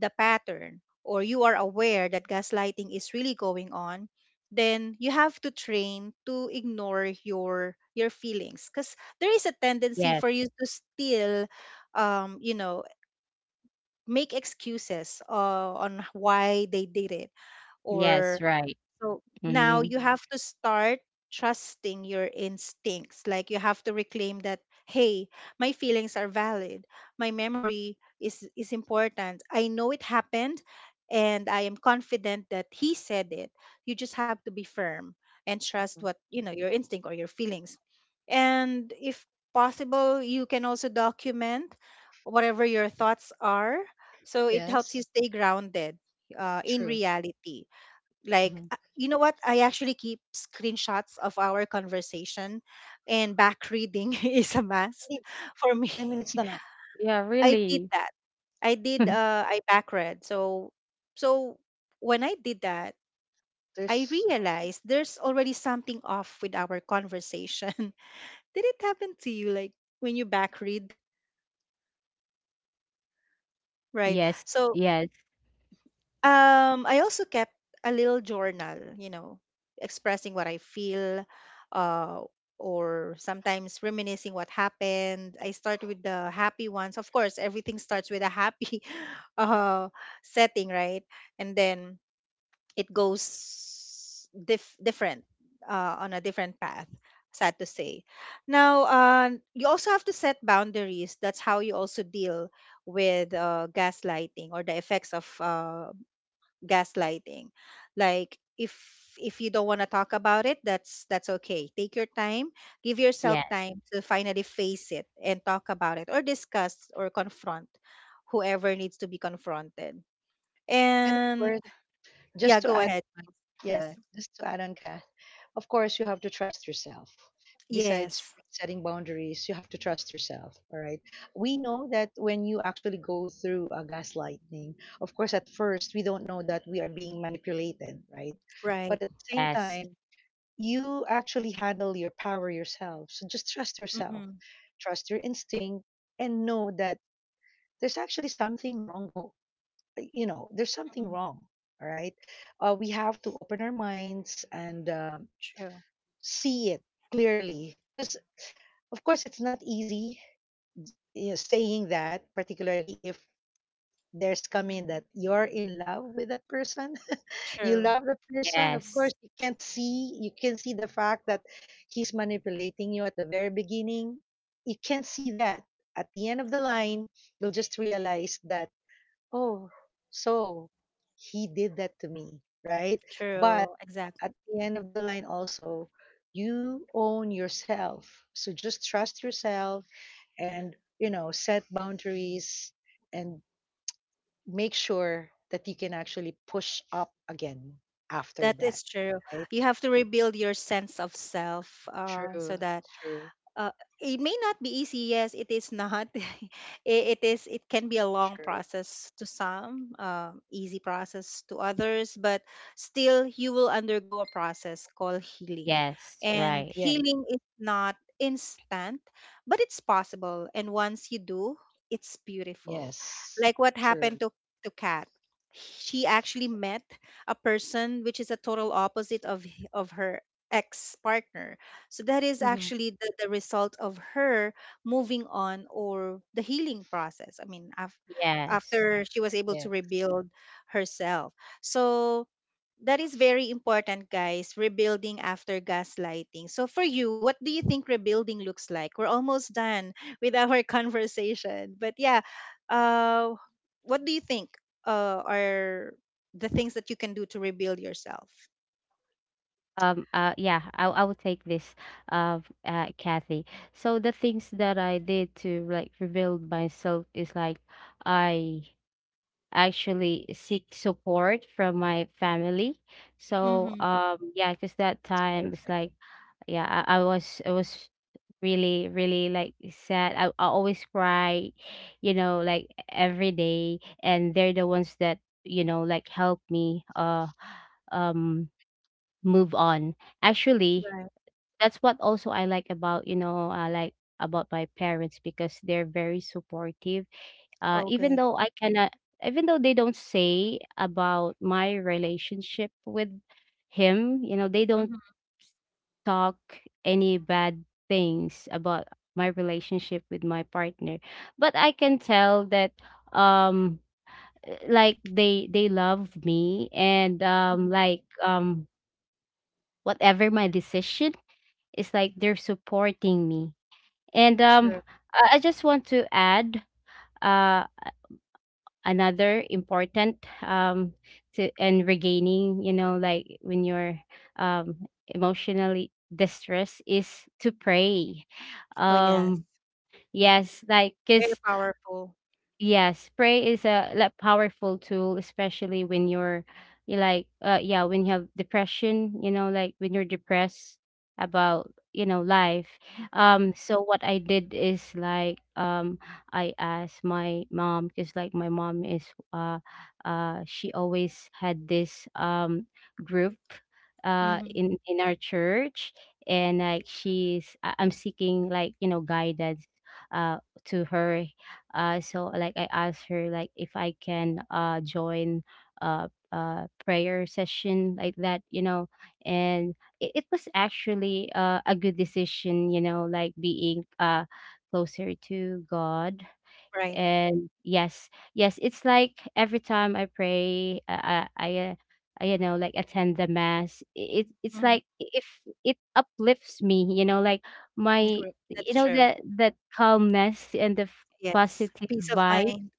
the pattern or you are aware that gaslighting is really going on, then you have to train to ignore your feelings because there is a tendency yes, for you to still you know, make excuses on why they did it, or yes. Right. so now Hmm. you have to start trusting your instincts. Like, you have to reclaim that, hey, my feelings are valid. My memory is important. I know it happened, and I am confident that he said it. You just have to be firm and trust what, you know, your instinct or your feelings. And if possible, you can also document whatever your thoughts are. So it helps you Yes. stay grounded in True. reality. Like, Hmm. You know what, I actually keep screenshots of our conversation, and back reading is a must Hindi- for me. I mean, it's not. I did that. I back read. So so when I did that, I There's realized there's already something off with our conversation. Did it happen to you, like, when you back read? Right, Yes, so yes, I also kept a little journal, you know, expressing what I feel, uh, or sometimes reminiscing what happened. I start with the happy ones. Of course, everything starts with a happy uh, setting, right? And then it goes different on a different path. Sad to say. Now, you also have to set boundaries. That's how you also deal with gaslighting or the effects of gaslighting. Like, if you don't want to talk about it, that's okay. Take your time. Give yourself yes, time to finally face it and talk about it or discuss or confront whoever needs to be confronted and of and course, just yeah, to go add, ahead. on- Yes. yeah, just to add on, Kath. Of course, you have to trust yourself. Besides Yes. setting boundaries, you have to trust yourself. All right. We know that when you actually go through a gaslighting, of course, at first we don't know that we are being manipulated, right? Right. But at the same yes, time, you actually handle your power yourself. So just trust yourself, Mm-hmm. trust your instinct, and know that there's actually something wrong go you know there's something Hmm. wrong all right. We have to open our minds and, True. see it clearly, because of course it's not easy, saying that, particularly if there's coming that you're in love with that person. You True. love the person, of course. yes, You can't see, you can see the fact that he's manipulating you at the very beginning. You can't see that. At the end of the line, you'll just realize that, oh, so he did that to me, right? True. But Exactly. at the end of the line, also, you own yourself. So just trust yourself and, set boundaries, and make sure that you can actually push up again after That that, is true. right? You have to rebuild your sense of self, so True, that true, uh, it may not be easy. Yes, it is not. It is, it can be a long true. process to some, easy process to others, but still you will undergo a process called healing, yes. and Right. Yes, healing is not instant, but it's possible, and once you do, it's beautiful. yes, Like what true. happened to Kat. She actually met a person which is a total opposite of her ex partner. So that is Hmm. actually the result of her moving on or the healing process. I mean, Yes. after she was able Yeah, to rebuild herself. So that is very important, guys. Rebuilding after gaslighting. So for you, what do you think rebuilding looks like? We're almost done with our conversation, but yeah, uh, what do you think are the things that you can do to rebuild yourself? Yeah, I'll take this, uh, Kathy. So the things that I did to, like, rebuild myself is, like, I actually seek support from my family. So Mm-hmm. Yeah, because that that's time it's perfect. like, yeah, I was really really like sad. I always cry, like, every day, and they're the ones that, like, help me um move on, actually. Right. That's what also I like about my parents, because they're very supportive. Oh, Even good. though I cannot, even though they don't say about my relationship with him, they don't Mm-hmm. talk any bad things about my relationship with my partner. But I can tell that um like, they love me, and like, whatever my decision, it's like, they're supporting me. And True. I just want to add uh another important, to and regaining, like, when you're um emotionally distressed, is to pray. Oh, yes. um yes, like, Very because. powerful. Yes, pray is a, like, powerful tool, especially when you're, yeah, when you have depression, like when you're depressed about, life. So what I did is, like, I asked my mom, because, like, my mom is, uh, she always had this group, Mm-hmm. in our church. And, like, I'm seeking, like, guidance, uh, to her. So like I asked her, like, if I can join uh prayer session like that and it was actually, a good decision, like being closer to God. Right. And yes, yes, it's like every time I pray I, you know like attend the mass. It's Hmm. like, if it uplifts me, like my, Group. That's true. that calmness and the Yes. positive Peace of vibe. mind.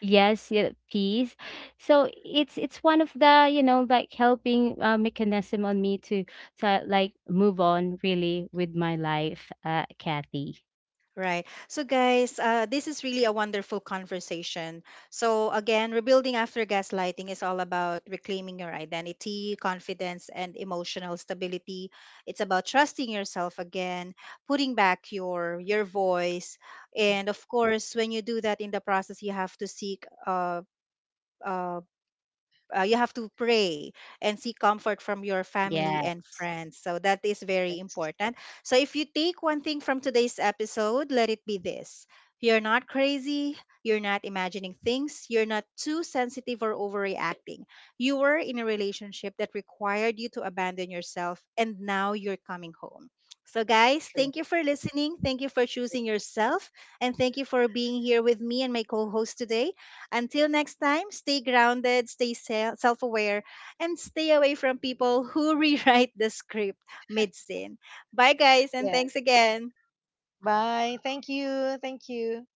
Yes. Yeah, peace. So it's one of the, like, helping, mechanism on me to like move on, really, with my life, Kathy. Right. So, guys, this is really a wonderful conversation. So, again, rebuilding after gaslighting is all about reclaiming your identity, confidence, and emotional stability. It's about trusting yourself again, putting back your voice, and of course, when you do that in the process, you have to seek uh, you have to pray and seek comfort from your family Yeah. and friends. So that is very Yes, important. So if you take one thing from today's episode, let it be this. You're not crazy. You're not imagining things. You're not too sensitive or overreacting. You were in a relationship that required you to abandon yourself, and now you're coming home. So, guys, true. thank you for listening. Thank you for choosing yourself. And thank you for being here with me and my co host today. Until next time, stay grounded, stay self aware, and stay away from people who rewrite the script mid scene. Bye, guys, and Yeah. thanks again. Bye. Thank you. Thank you.